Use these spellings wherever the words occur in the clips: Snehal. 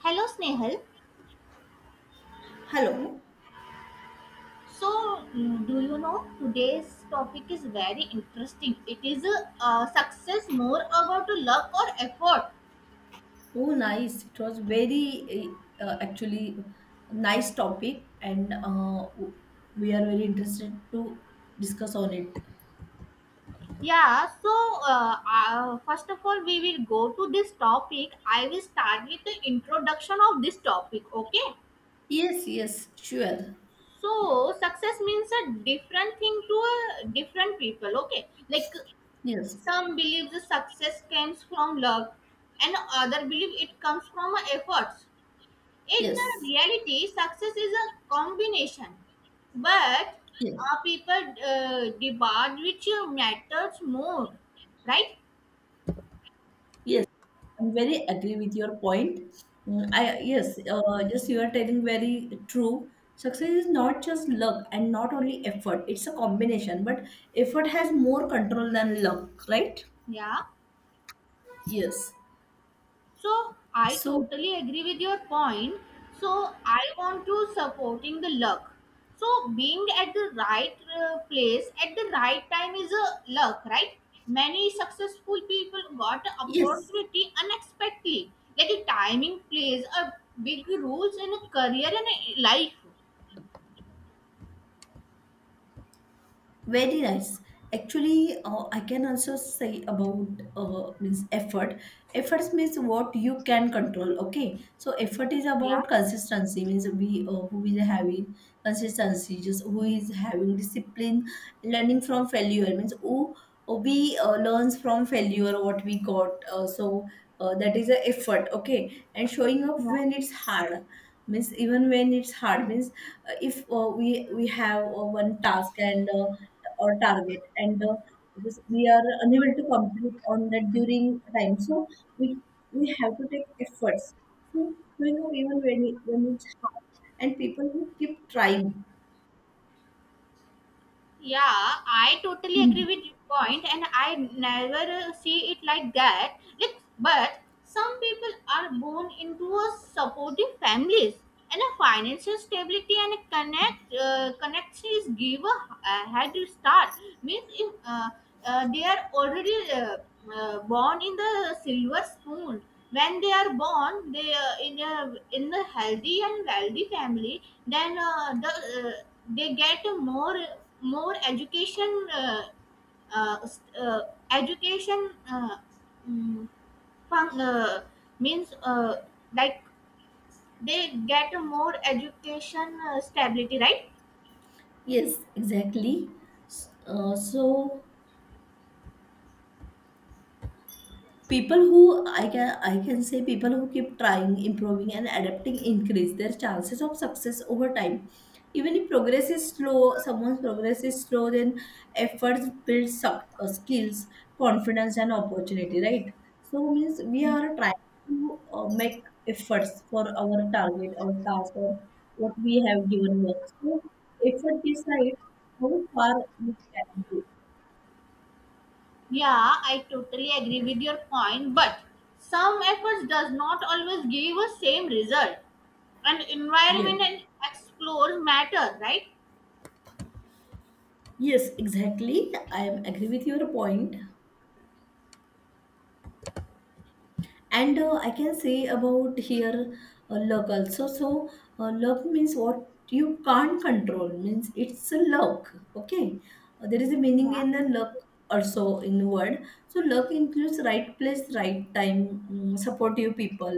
Hello, Snehal. Hello. So, do you know today's topic is very interesting. It is a success more about luck or effort? Oh, nice. It was very actually nice topic, and we are very interested to discuss on it. Yeah. So, first of all, we will go to this topic. I will start with the introduction of this topic. Okay. Yes, yes, sure. So, success means a different thing to a different people. Okay. Like Yes, some believe the success comes from luck, and other believe it comes from efforts. In a yes, reality, success is a combination, but yes, people debate which matters more, right? yes. I'm very agree with your point. Mm, I yes, just you are telling very true. Success is not just luck and not only effort. It's a combination, but effort has more control than luck, right? Yeah. Yes. So I So, totally agree with your point. So I want to supporting the luck. So being at the right place at the right time is a luck, right? Many successful people got the yes. opportunity unexpectedly. Like a timing plays a big roles in a career and a life. Very nice. Actually, I can also say about means effort. Efforts means what you can control. Okay, so effort is Yeah. about consistency. Means we who is having consistency, just who is having discipline, learning from failure. Means who we learns from failure what we got. So that is a effort. Okay, and showing up Yeah. when it's hard. Means even when it's hard, means if we have one task and or target and just we are unable to complete on that during time, so we we have to take efforts. So even when it's hard, and people who keep trying. Yeah, I totally agree with your point, and I never see it like that. Like, but some people are born into a supportive families, and a financial stability and a connections give a head start. Means if they are already born in the silver spoon when they are born they in a healthy and wealthy family, then uh, they get more education uh, s- uh, education mm, fun, means like they get more education stability, right? Yes, exactly. So people who, I can say, people who keep trying, improving, and adapting increase their chances of success over time, even if progress is slow. Someone's progress is slow, then efforts build skills, confidence, and opportunity, right? So means we are trying to make efforts for our target or task or what we have given work. So effort decides how far you can go. Yeah, I totally agree with your point, but some efforts does not always give a same result. And Yes. environment and explore matter, right? Yes, exactly. I am agree with your point. And I can say about here luck also. So luck means what you can't control. Means it's a luck, okay. There is a meaning Yeah. in the luck also in the word. So luck includes right place, right time, supportive people,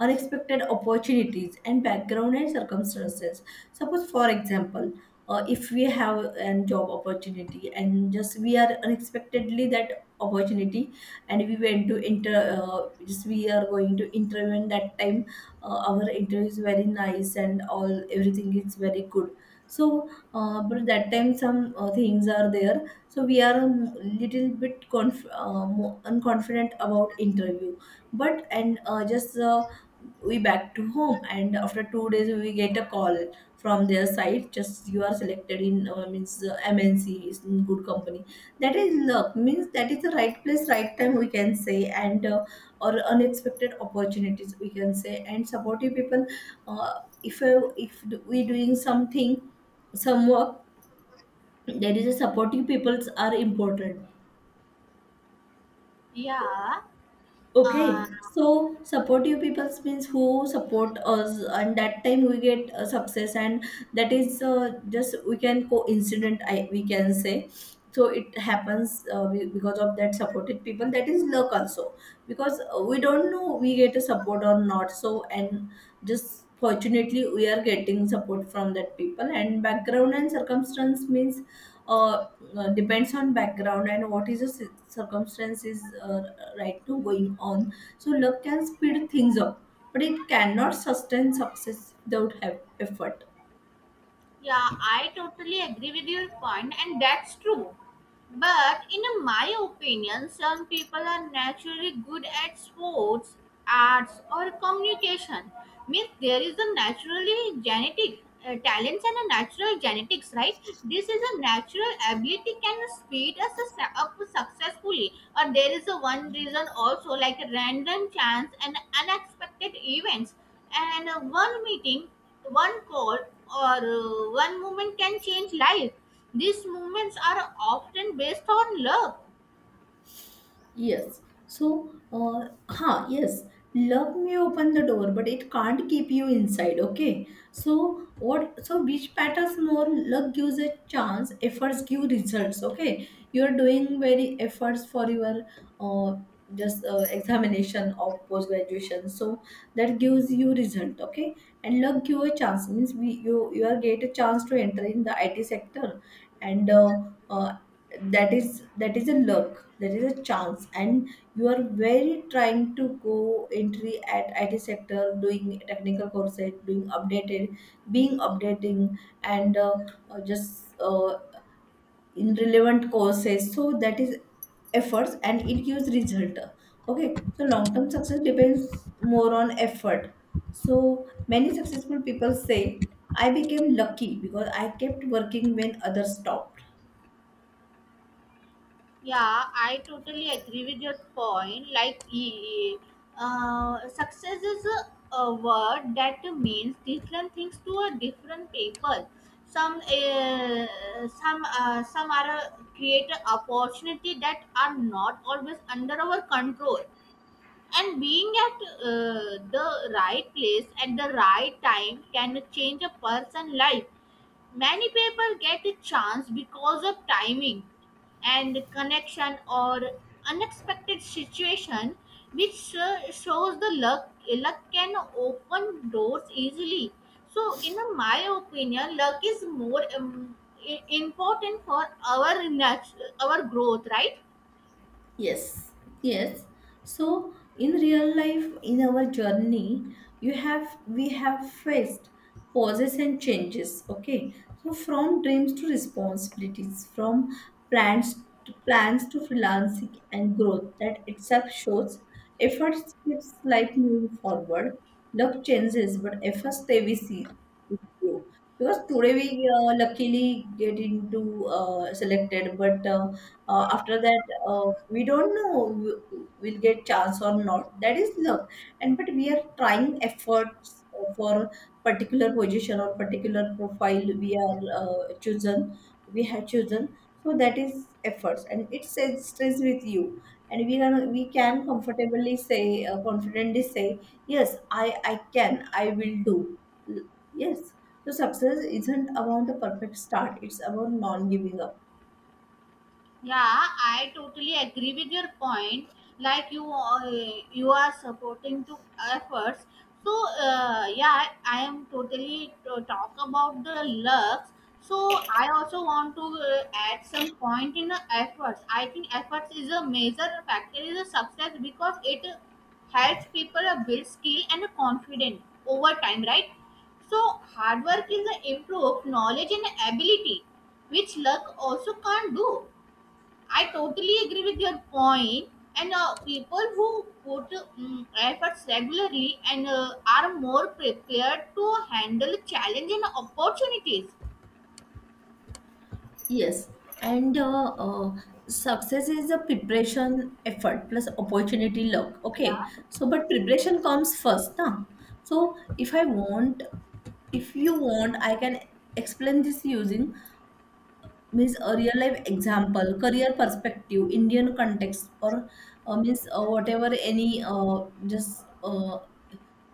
unexpected opportunities, and background and circumstances. Suppose, for example, if we have a job opportunity and just we are unexpectedly that opportunity, and we went to inter just we are going to interview, and that time our interview is very nice and all everything is very good. So but that time some things are there, so we are a little bit unconfident about interview. But and just we back to home, and after 2 days we get a call from their side, just you are selected in means MNC is in good company. That is luck. Means that is the right place, right time, we can say. And or unexpected opportunities, we can say, and supportive people. uh, if if we doing something, some work, there is a supportive peoples are important. Yeah. Okay, Uh, so supportive people means who support us, and that time we get success, and that is just we can coincident, I we can say. So it happens because of that supported people. That is luck also, because we don't know we get a support or not. So, and just fortunately we are getting support from that people. And background and circumstance means uh, depends on background and what is the circumstances right now going on. So luck can speed things up, but it cannot sustain success without effort. Yeah, I totally agree with your point, and that's true. But in my opinion, some people are naturally good at sports, arts, or communication. Means there is a naturally genetic talents and a natural genetics, right? This is a natural ability can speed us a up successfully. Or there is a one reason also like a random chance and unexpected events and one meeting one call or one moment can change life. These movements are often based on luck. Yes. So, yes, love may open the door, but it can't keep you inside. Okay. So, what, so which matters more? Luck gives a chance, efforts give results. Okay. You're doing very efforts for your uh, just examination of post graduation. So, that gives you result. Okay. And luck give a chance. Means we, you are get a chance to enter in the IT sector. And uh, that is a luck, that is a chance. And you are very trying to go entry at IT sector, doing technical courses, doing updated, being updating, and just in relevant courses. So that is efforts, and it gives result. Okay, so long term success depends more on effort. So many successful people say, I became lucky because I kept working when others stopped. Yeah, I totally agree with your point. Like, success is a word that means different things to a different people. Some, uh, some are create a opportunity that are not always under our control, and being at uh, the right place at the right time can change a person's life. Many people get a chance because of timing and connection or unexpected situation, which shows the luck. Luck can open doors easily. So in my opinion, luck is more important for our our growth, right? Yes, yes. So in real life, in our journey, you have we have faced pauses and changes. Okay, so from dreams to responsibilities, from plans to freelancing and growth. That itself shows effort keeps life moving forward. Luck changes, but effort stay with see with you. Because today we luckily get into selected, but after that we don't know we'll get chance or not, that is luck. And but we are trying efforts for particular position or particular profile we are chosen, we have chosen. So that is efforts, and it says stays with you. And we can comfortably say, confidently say, yes, I will do. Yes, so success isn't about a perfect start, it's about non giving up. Yeah, I totally agree with your point. Like, you are supporting to efforts. So yeah, I am totally to talk about the lux. So I also want to add some point in the efforts. I think efforts is a major factor is a success because it helps people build skill and confidence over time, right? So hard work is a improve knowledge and ability, which luck also can't do. I totally agree with your point. And people who put efforts regularly and are more prepared to handle challenge and opportunities. Yes, and success is a preparation effort plus opportunity luck. Okay, Yeah. so but preparation comes first, na? So if I want, if you want, I can explain this using means a real life example, career perspective, Indian context, or means whatever any just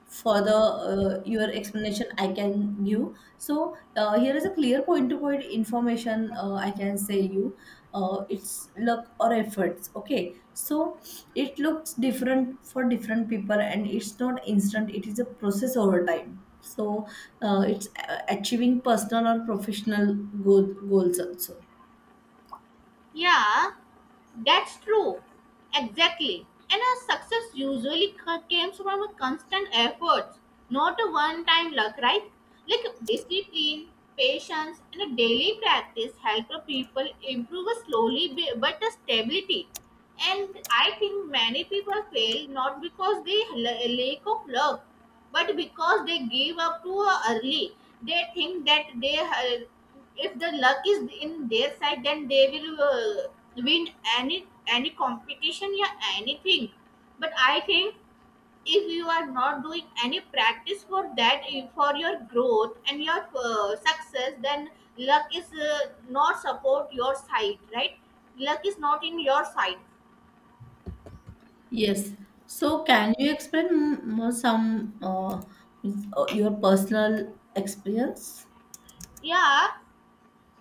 further your explanation I can give. So here is a clear point to point information, I can say you it's luck or efforts. Okay, so it looks different for different people, and it's not instant, it is a process over time. So it's achieving personal or professional goals also. Yeah. That's true. Exactly. And a success usually comes from a constant effort, not a one-time luck, right? Like discipline, patience, and a daily practice help a people improve a slowly but a stability. And I think many people fail not because they lack of luck, but because they gave up too early. They think that they if the luck is in their side, then they will win any competition or anything. But I think if you are not doing any practice for for your growth and your success, then luck is not support your side, right? Luck is not in your side. Yes, so can you explain more some your personal experience? Yeah.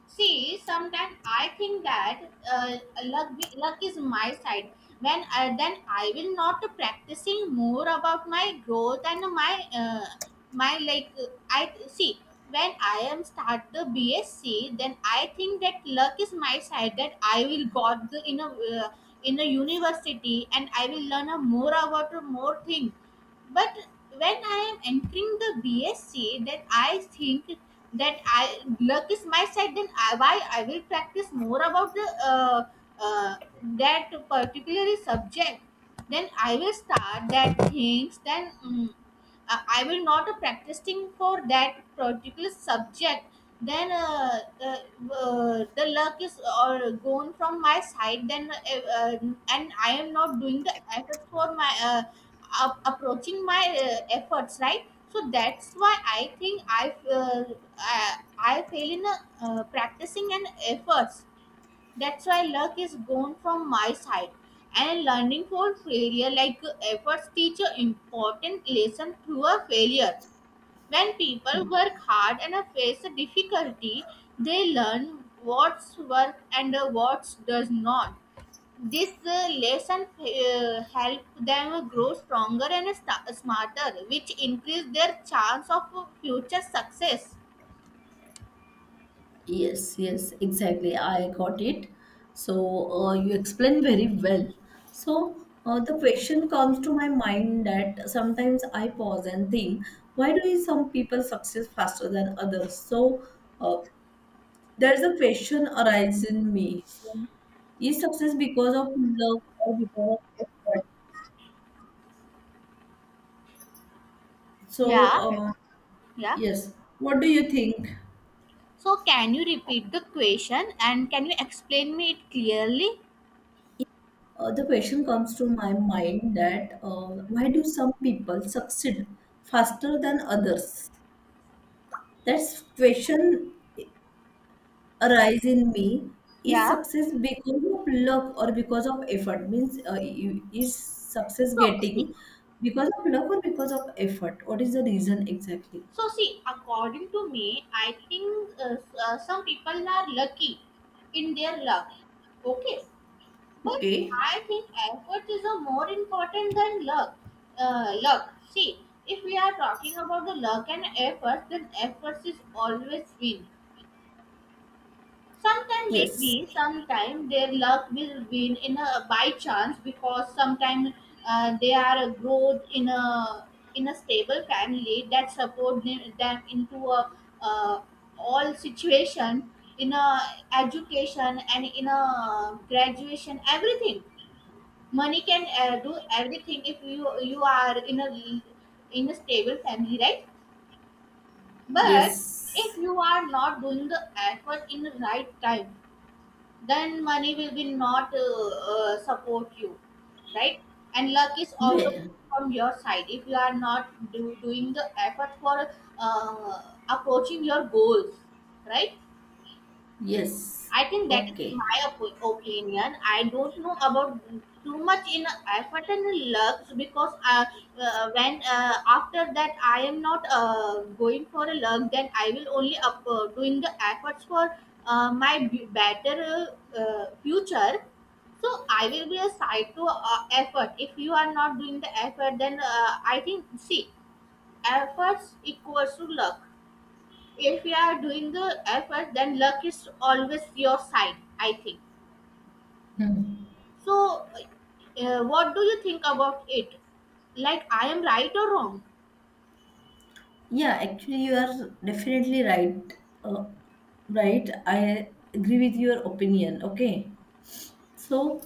See, sometimes I think that uh, luck, luck is my side. When then I will not practicing more about my growth and my like I see, when I am start the BSc, then I think that luck is my side, that I will got the in a university, and I will learn a more about a more thing. But when I am entering the BSc, then I think that I, luck is my side, then why I will practice more about the uh, that particular subject. Then I will start that things. Then I will not practicing for that particular subject. Then the luck is or gone from my side. Then and I am not doing the effort for my approaching my efforts, right. So that's why I think I fail in practicing and efforts. That's why luck is gone from my side. And learning for failure, like efforts, teach an important lesson through a failure. When people work hard and face a difficulty, they learn what's work and what does not. This lesson help them grow stronger and smarter, which increase their chance of future success. Yes, yes, exactly. I got it. So you explained very well. So the question comes to my mind that sometimes I pause and think, why do some people succeed faster than others? So uh, there's a question arises in me. So, is success because of love or because of effort? So Yeah, yeah. yes, what do you think? So can you repeat the question and can you explain me it clearly? The question comes to my mind that why do some people succeed faster than others? That question arise in me. Is Yeah. success because of luck or because of effort? Means is success So see, getting because of luck or because of effort? What is the reason exactly? so see, according to me, I think some people are lucky in their luck. Okay, but Okay. I think effort is a more important than luck. Luck. See, if we are talking about the luck and effort, then efforts is always win. Sometimes Yes. maybe, sometime their luck will win in a by chance because sometimes they are a growth in a stable family that support them into a uh, all situation in a education and in a graduation everything. Money can do everything if you are in a stable family, right? But Yes. if you are not doing the effort in the right time, then money will be not support you, right? And luck is also Well, from your side if you are not doing the effort for uh, approaching your goals, right? yes. I think that is Okay. my opinion. I don't know about too much in effort and lux, because when after that I am not going for a lux, then I will only doing the efforts for my better future. So I will be a side to effort. If you are not doing the effort, then I think, see, efforts equals to luck. If you are doing the effort, then luck is always your side, I think. So what do you think about it? Like, I am right or wrong? Yeah, actually, you are definitely right. Uh, right, I agree with your opinion. Okay, so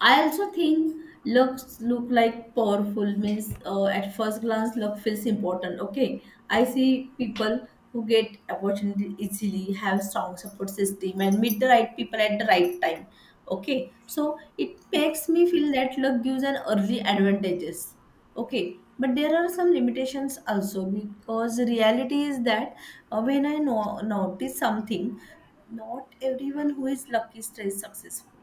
I also think looks look like powerful. Means at first glance luck feels important. Okay, I see people who get opportunity easily, have strong support system, and meet the right people at the right time. Okay, so it makes me feel that luck gives an early advantages. Okay, but there are some limitations also, because reality is that when I notice something, not everyone who is lucky stays successful.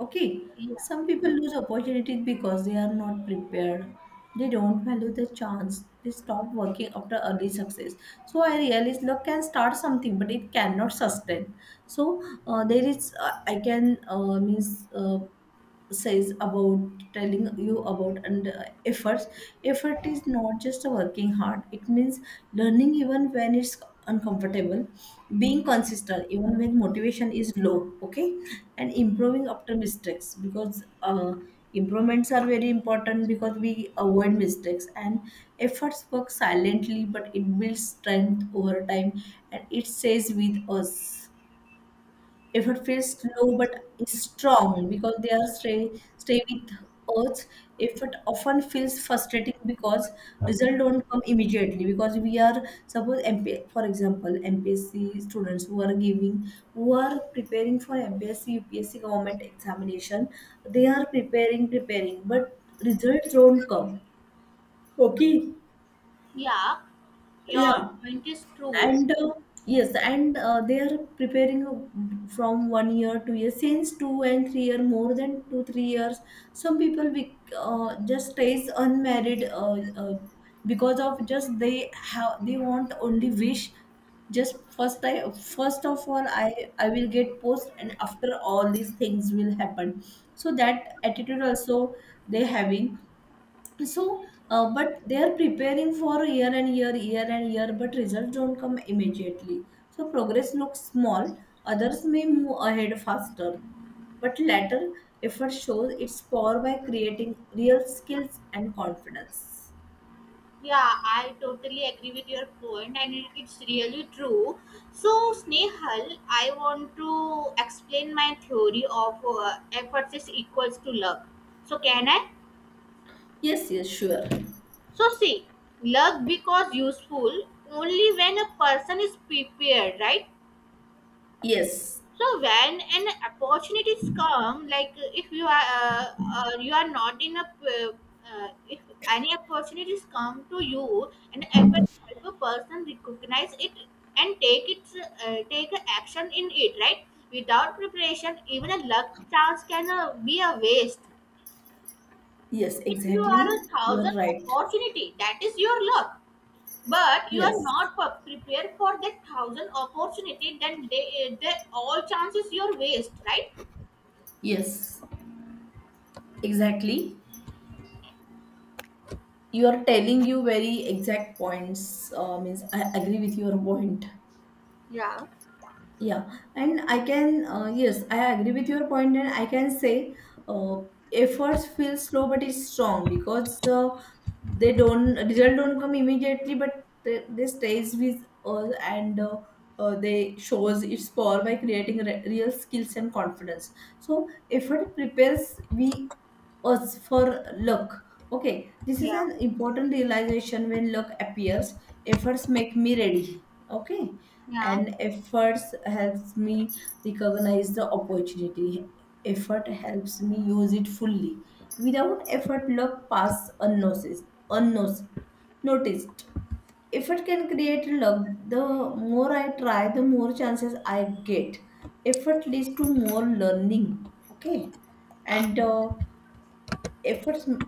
Okay, Yeah, some people lose opportunities because they are not prepared. They don't value the chance. They stop working after early success. So I realize luck can start something, but it cannot sustain. So there is, I can means says about telling you about and efforts. Effort is not just a working hard, it means learning even when it's uncomfortable, being consistent even when motivation is low, okay, and improving after mistakes, because improvements are very important, because we avoid mistakes. And efforts work silently, but it builds strength over time, and it stays with us. If it feels low but is strong, because they are stay with us. If it often feels frustrating because result don't come immediately, because we are, suppose MP, for example, MPSC students who are giving, who are preparing for MPSC government examination, they are preparing, but results don't come. yeah, your Yeah, point is true. and yes. And they are preparing from 1 year, 2 years, since 2 and 3 year, more than 2 3 years. Some people just stays unmarried, uh, because of just they have they want only wish, just first of all, I will get post, and after all these things will happen. So that attitude also they having. So but they are preparing for year and year, year and year, but results don't come immediately. So progress looks small, others may move ahead faster, but latter effort shows its power by creating real skills and confidence. Yeah, I totally agree with your point, and it's really true. So, Snehal, I want to explain my theory of efforts is equals to luck. So can I? Yes, yes, sure. So see, luck becomes useful only when a person is prepared, right? Yes, So when an opportunities come, like if you are not in a if any opportunities come to you, and if a person recognize it and take a action in it, right? Without preparation, even a luck chance can be a waste. yes, If you exactly, are a you are thousand right. opportunity, that is your luck, but you are Yes, not prepared for that 1,000 opportunity, then they all chances your waste, right? yes, exactly, you are telling you very exact points. Means I agree with your point. Yeah. Yeah, and I can, yes, I agree with your point, and I can say uh, efforts feel slow but it's strong, because they don't result don't come immediately, but they stays with us. And they shows its power by creating real skills and confidence. So effort prepares we us for luck. Okay, this is Yeah, an important realization. When luck appears, efforts make me ready. Okay, yeah. and efforts helps me recognize the opportunity. Effort helps me use it fully. Without effort, luck pass unnoticed. Unnoticed. Noticed. Effort can create luck. The more I try, the more chances I get. Effort leads to more learning. Okay, and efforts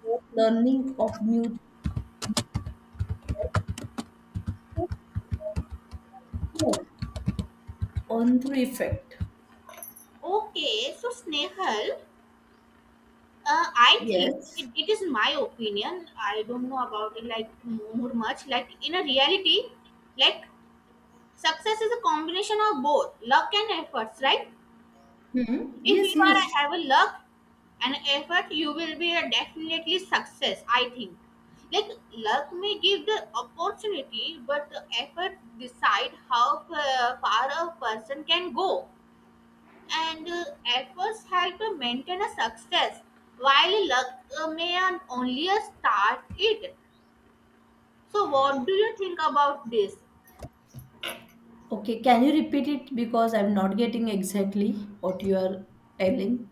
more learning of new things on through effect. Okay, so, Snehal, I think, Yes. it is my opinion, I don't know about it like more much, like in a reality, like success is a combination of both luck and efforts, right? Hmm. If Yes. you are Yes. have a luck an effort, you will be a definitely success, I think. Like, luck may give the opportunity, but the effort decide how far a person can go. And efforts help to maintain a success, while luck may only start it. So what do you think about this? Okay. Can you repeat it because I'm not getting exactly what you are telling?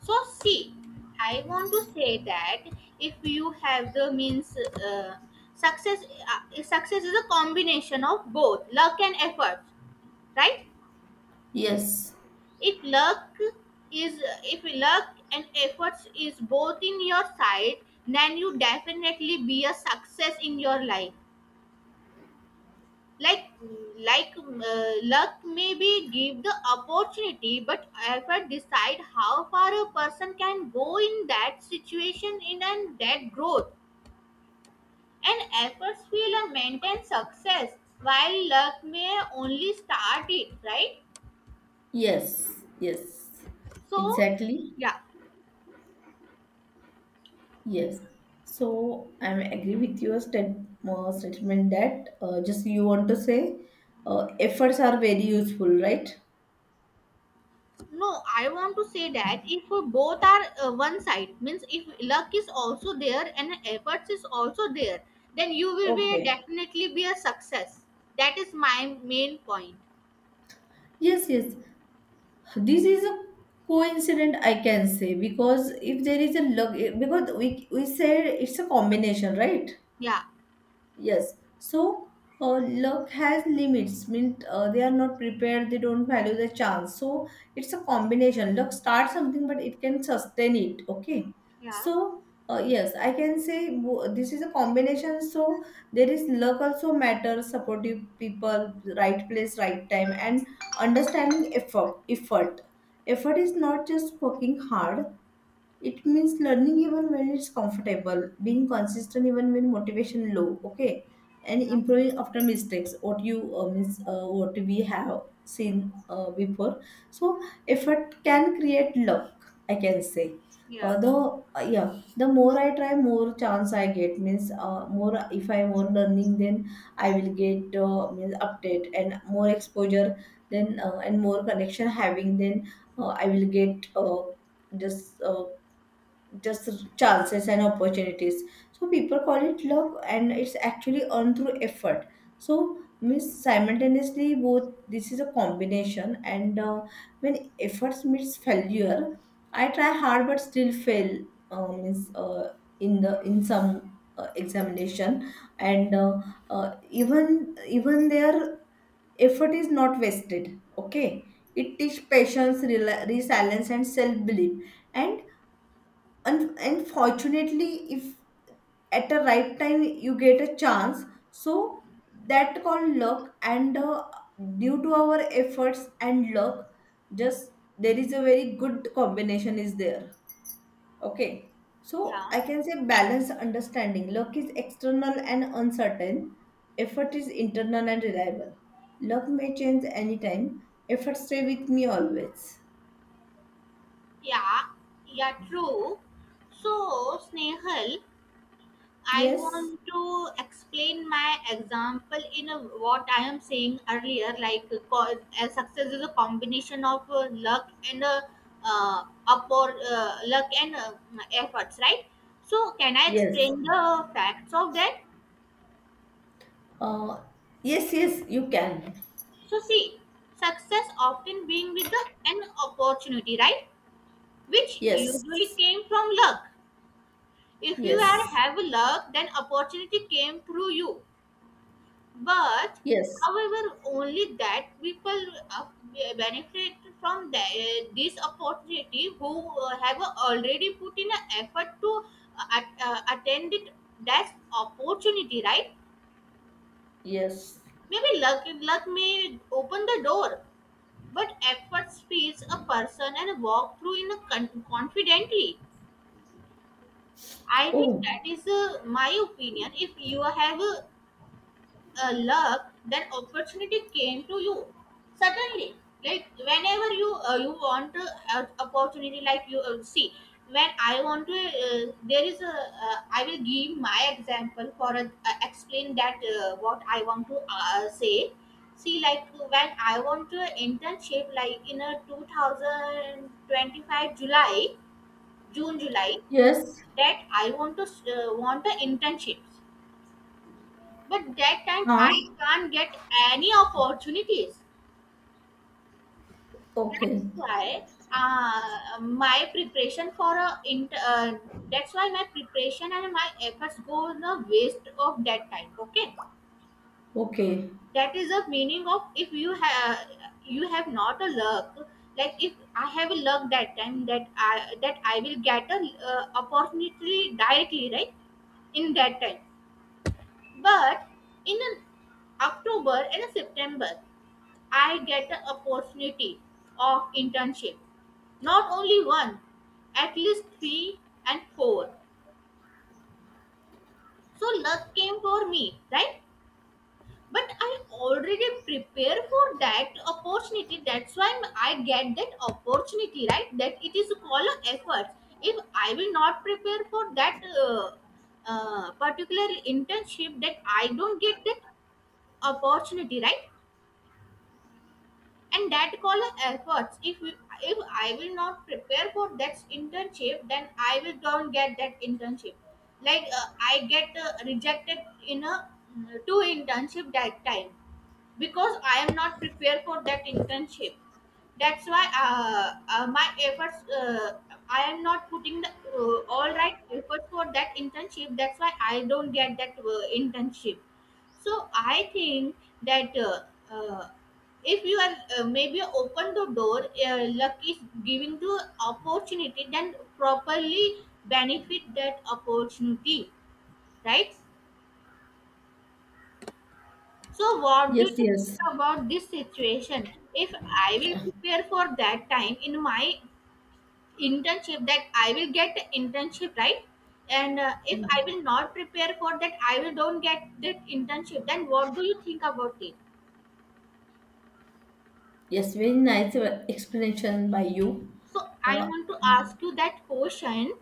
So, see, I want to say that if you have the means, uh, success success is a combination of both luck and effort, right? Yes, If luck if luck and efforts is both in your side, then you definitely be a success in your life. like luck maybe give the opportunity, but effort decide how far a person can go in that situation in and that growth. And efforts will maintain success, while luck may only start it, right? yes, yes, So, exactly. yeah. Yes. So I am agree with your statement that just you want to say, efforts are very useful, right? No, I want to say that if both are one side, means if luck is also there and efforts is also there, then you will be Okay. definitely be a success. That is my main point. Yes, yes. This is a coincidence I can say, because if there is a luck, because we said it's a combination, right? Yeah, Yes. So, luck has limits. Mean, they are not prepared. They don't value the chance. So it's a combination. Luck starts something, but it can sustain it. Okay. yeah, So, yes, I can say this is a combination. So there is luck also matters. Supportive people, right place, right time, and understanding effort. Effort. Effort is not just working hard, it means learning even when it's comfortable, being consistent even when motivation low. Okay, and improving after mistakes, what you means, what we have seen before. So effort can create luck, I can say. yeah, The Yeah, the more I try, more chance I get. Means, more if I more learning, then I will get, means update and more exposure, then and more connection having, then I will get just uh, just chances and opportunities. So people call it luck and it's actually earned through effort. So means simultaneously both, this is a combination. And when efforts meets failure, I try hard but still fail, means, in the in some examination, and even their effort is not wasted. Okay, it teach patience, rela resilience and self belief. And unfortunately, if at the right time you get a chance, so that called luck, and due to our efforts and luck, just there is a very good combination is there. Okay. So yeah, I can say balance understanding, luck is external and uncertain, effort is internal and reliable. Luck may change anytime, effort stay with me always. yeah, yeah. True. So, Snehal, I Yes, want to explain my example in a, what I am saying earlier. Like, success is a combination of luck and up or luck and efforts, right? So, can I yes, explain the facts of that? uh, yes, yes, you can. So, see, success often being with the an opportunity, right? Which usually Yes. came from luck. If you are Yes. have luck, then opportunity came through you but Yes. however only that people uh, benefit from this opportunity who have already put in an effort to attend it. That's opportunity, right? Yes. Maybe luck may open the door, but effort feeds a person and walk through in a confidently. I think Oh, that is my opinion. If you have a luck, then opportunity came to you suddenly. Like whenever you you want a opportunity, like you see when I want to, there is a I will give my example for explain that what I want to say. See, like when I want to internship, like in a 2025 July, June July, yes. that I want to want a internship, but that time Huh? I can't get any opportunities. Okay. That's why my preparation for a inter. That's why my preparation and my efforts go in the waste of that time. Okay, Okay. that is the meaning of if you have not a luck. Like if I have a luck that time that I will get a opportunity directly, right, in that time. But in an October and a September, I get the opportunity of internship. Not only one, at least three and four. So luck came for me, right? But I already prepare for that opportunity. That's why I get that opportunity, right? That it is called a effort. If I will not prepare for that particular internship, that I don't get that opportunity, right? And that call efforts. If I will not prepare for that internship, then I will don't get that internship. Like I get rejected in a two internship that time because I am not prepared for that internship. That's why my efforts I am not putting the all right effort for that internship. That's why I don't get that internship. So I think that uh, if you are maybe open the door, luck is giving the opportunity, then properly benefit that opportunity, right? So what do Yes, you think yes. about this situation? If I will prepare for that time in my internship, that I will get the internship, right? And if I will not prepare for that, I will don't get that internship. Then what do you think about it? Yes, very nice explanation by you. So I Uh, want to ask you that question.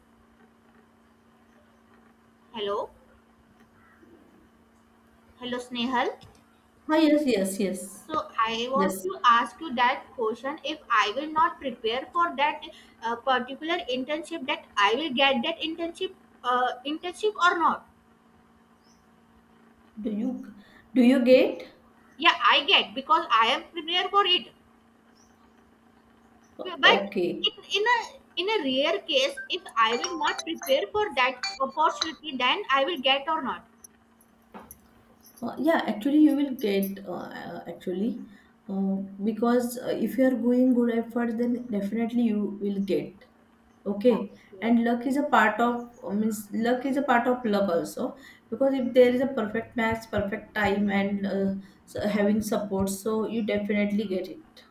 Hello, hello Snehal. ah, yes, yes, yes. So I want Yes. to ask you that question. If I will not prepare for that particular internship, that I will get that internship, internship or not? Do you do you get? Yeah, I get because I am prepared for it. O- But okay. in, in a in a rare case, if I will not prepare for that opportunity, then I will get or not. Yeah, actually, you will get, actually, uh, because if you are going good effort, then definitely you will get. Yeah, Okay, okay. and luck is a part of, means luck is a part of luck also, because if there is a perfect match, perfect time, and, so having support, so you definitely get it.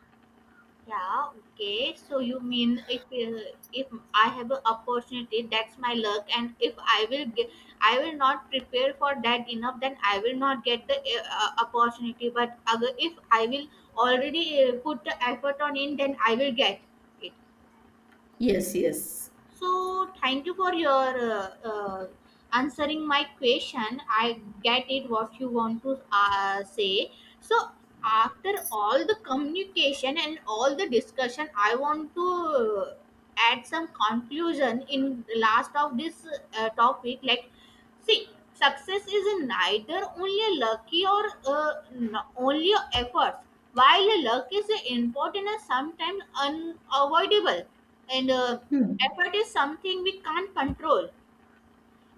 Yeah, okay. So you mean if if I have an opportunity, that's my luck, and if I will get, I will not prepare for that enough, then I will not get the opportunity. But if I will already put the effort on in, then I will get it. Yes, yes. So thank you for your answering my question. I get it what you want to say. So after all the communication and all the discussion, I want to add some conclusion in the last of this topic. Like, see, success is neither only a lucky or only efforts. While a luck is important and sometimes unavoidable and Hmm. effort is something we can't control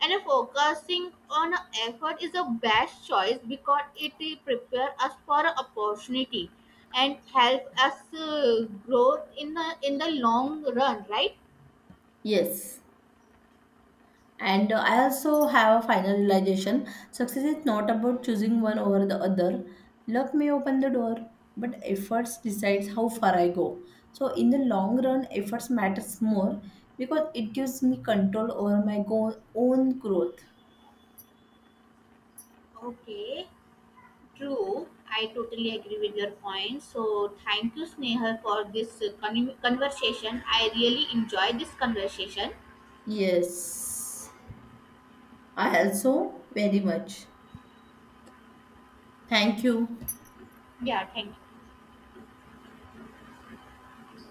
and focusing on effort is the best choice because it prepare us for a opportunity and help us grow in the long run, right? Yes. And, I also have a final realization, success is not about choosing one over the other. Luck may open the door, but efforts decides how far I go. So in the long run, efforts matters more because it gives me control over my own growth. Okay, true. I totally agree with your point. So thank you Sneha for this conversation. I really enjoyed this conversation. Yes, I also very much. Thank you. Yeah, thank you.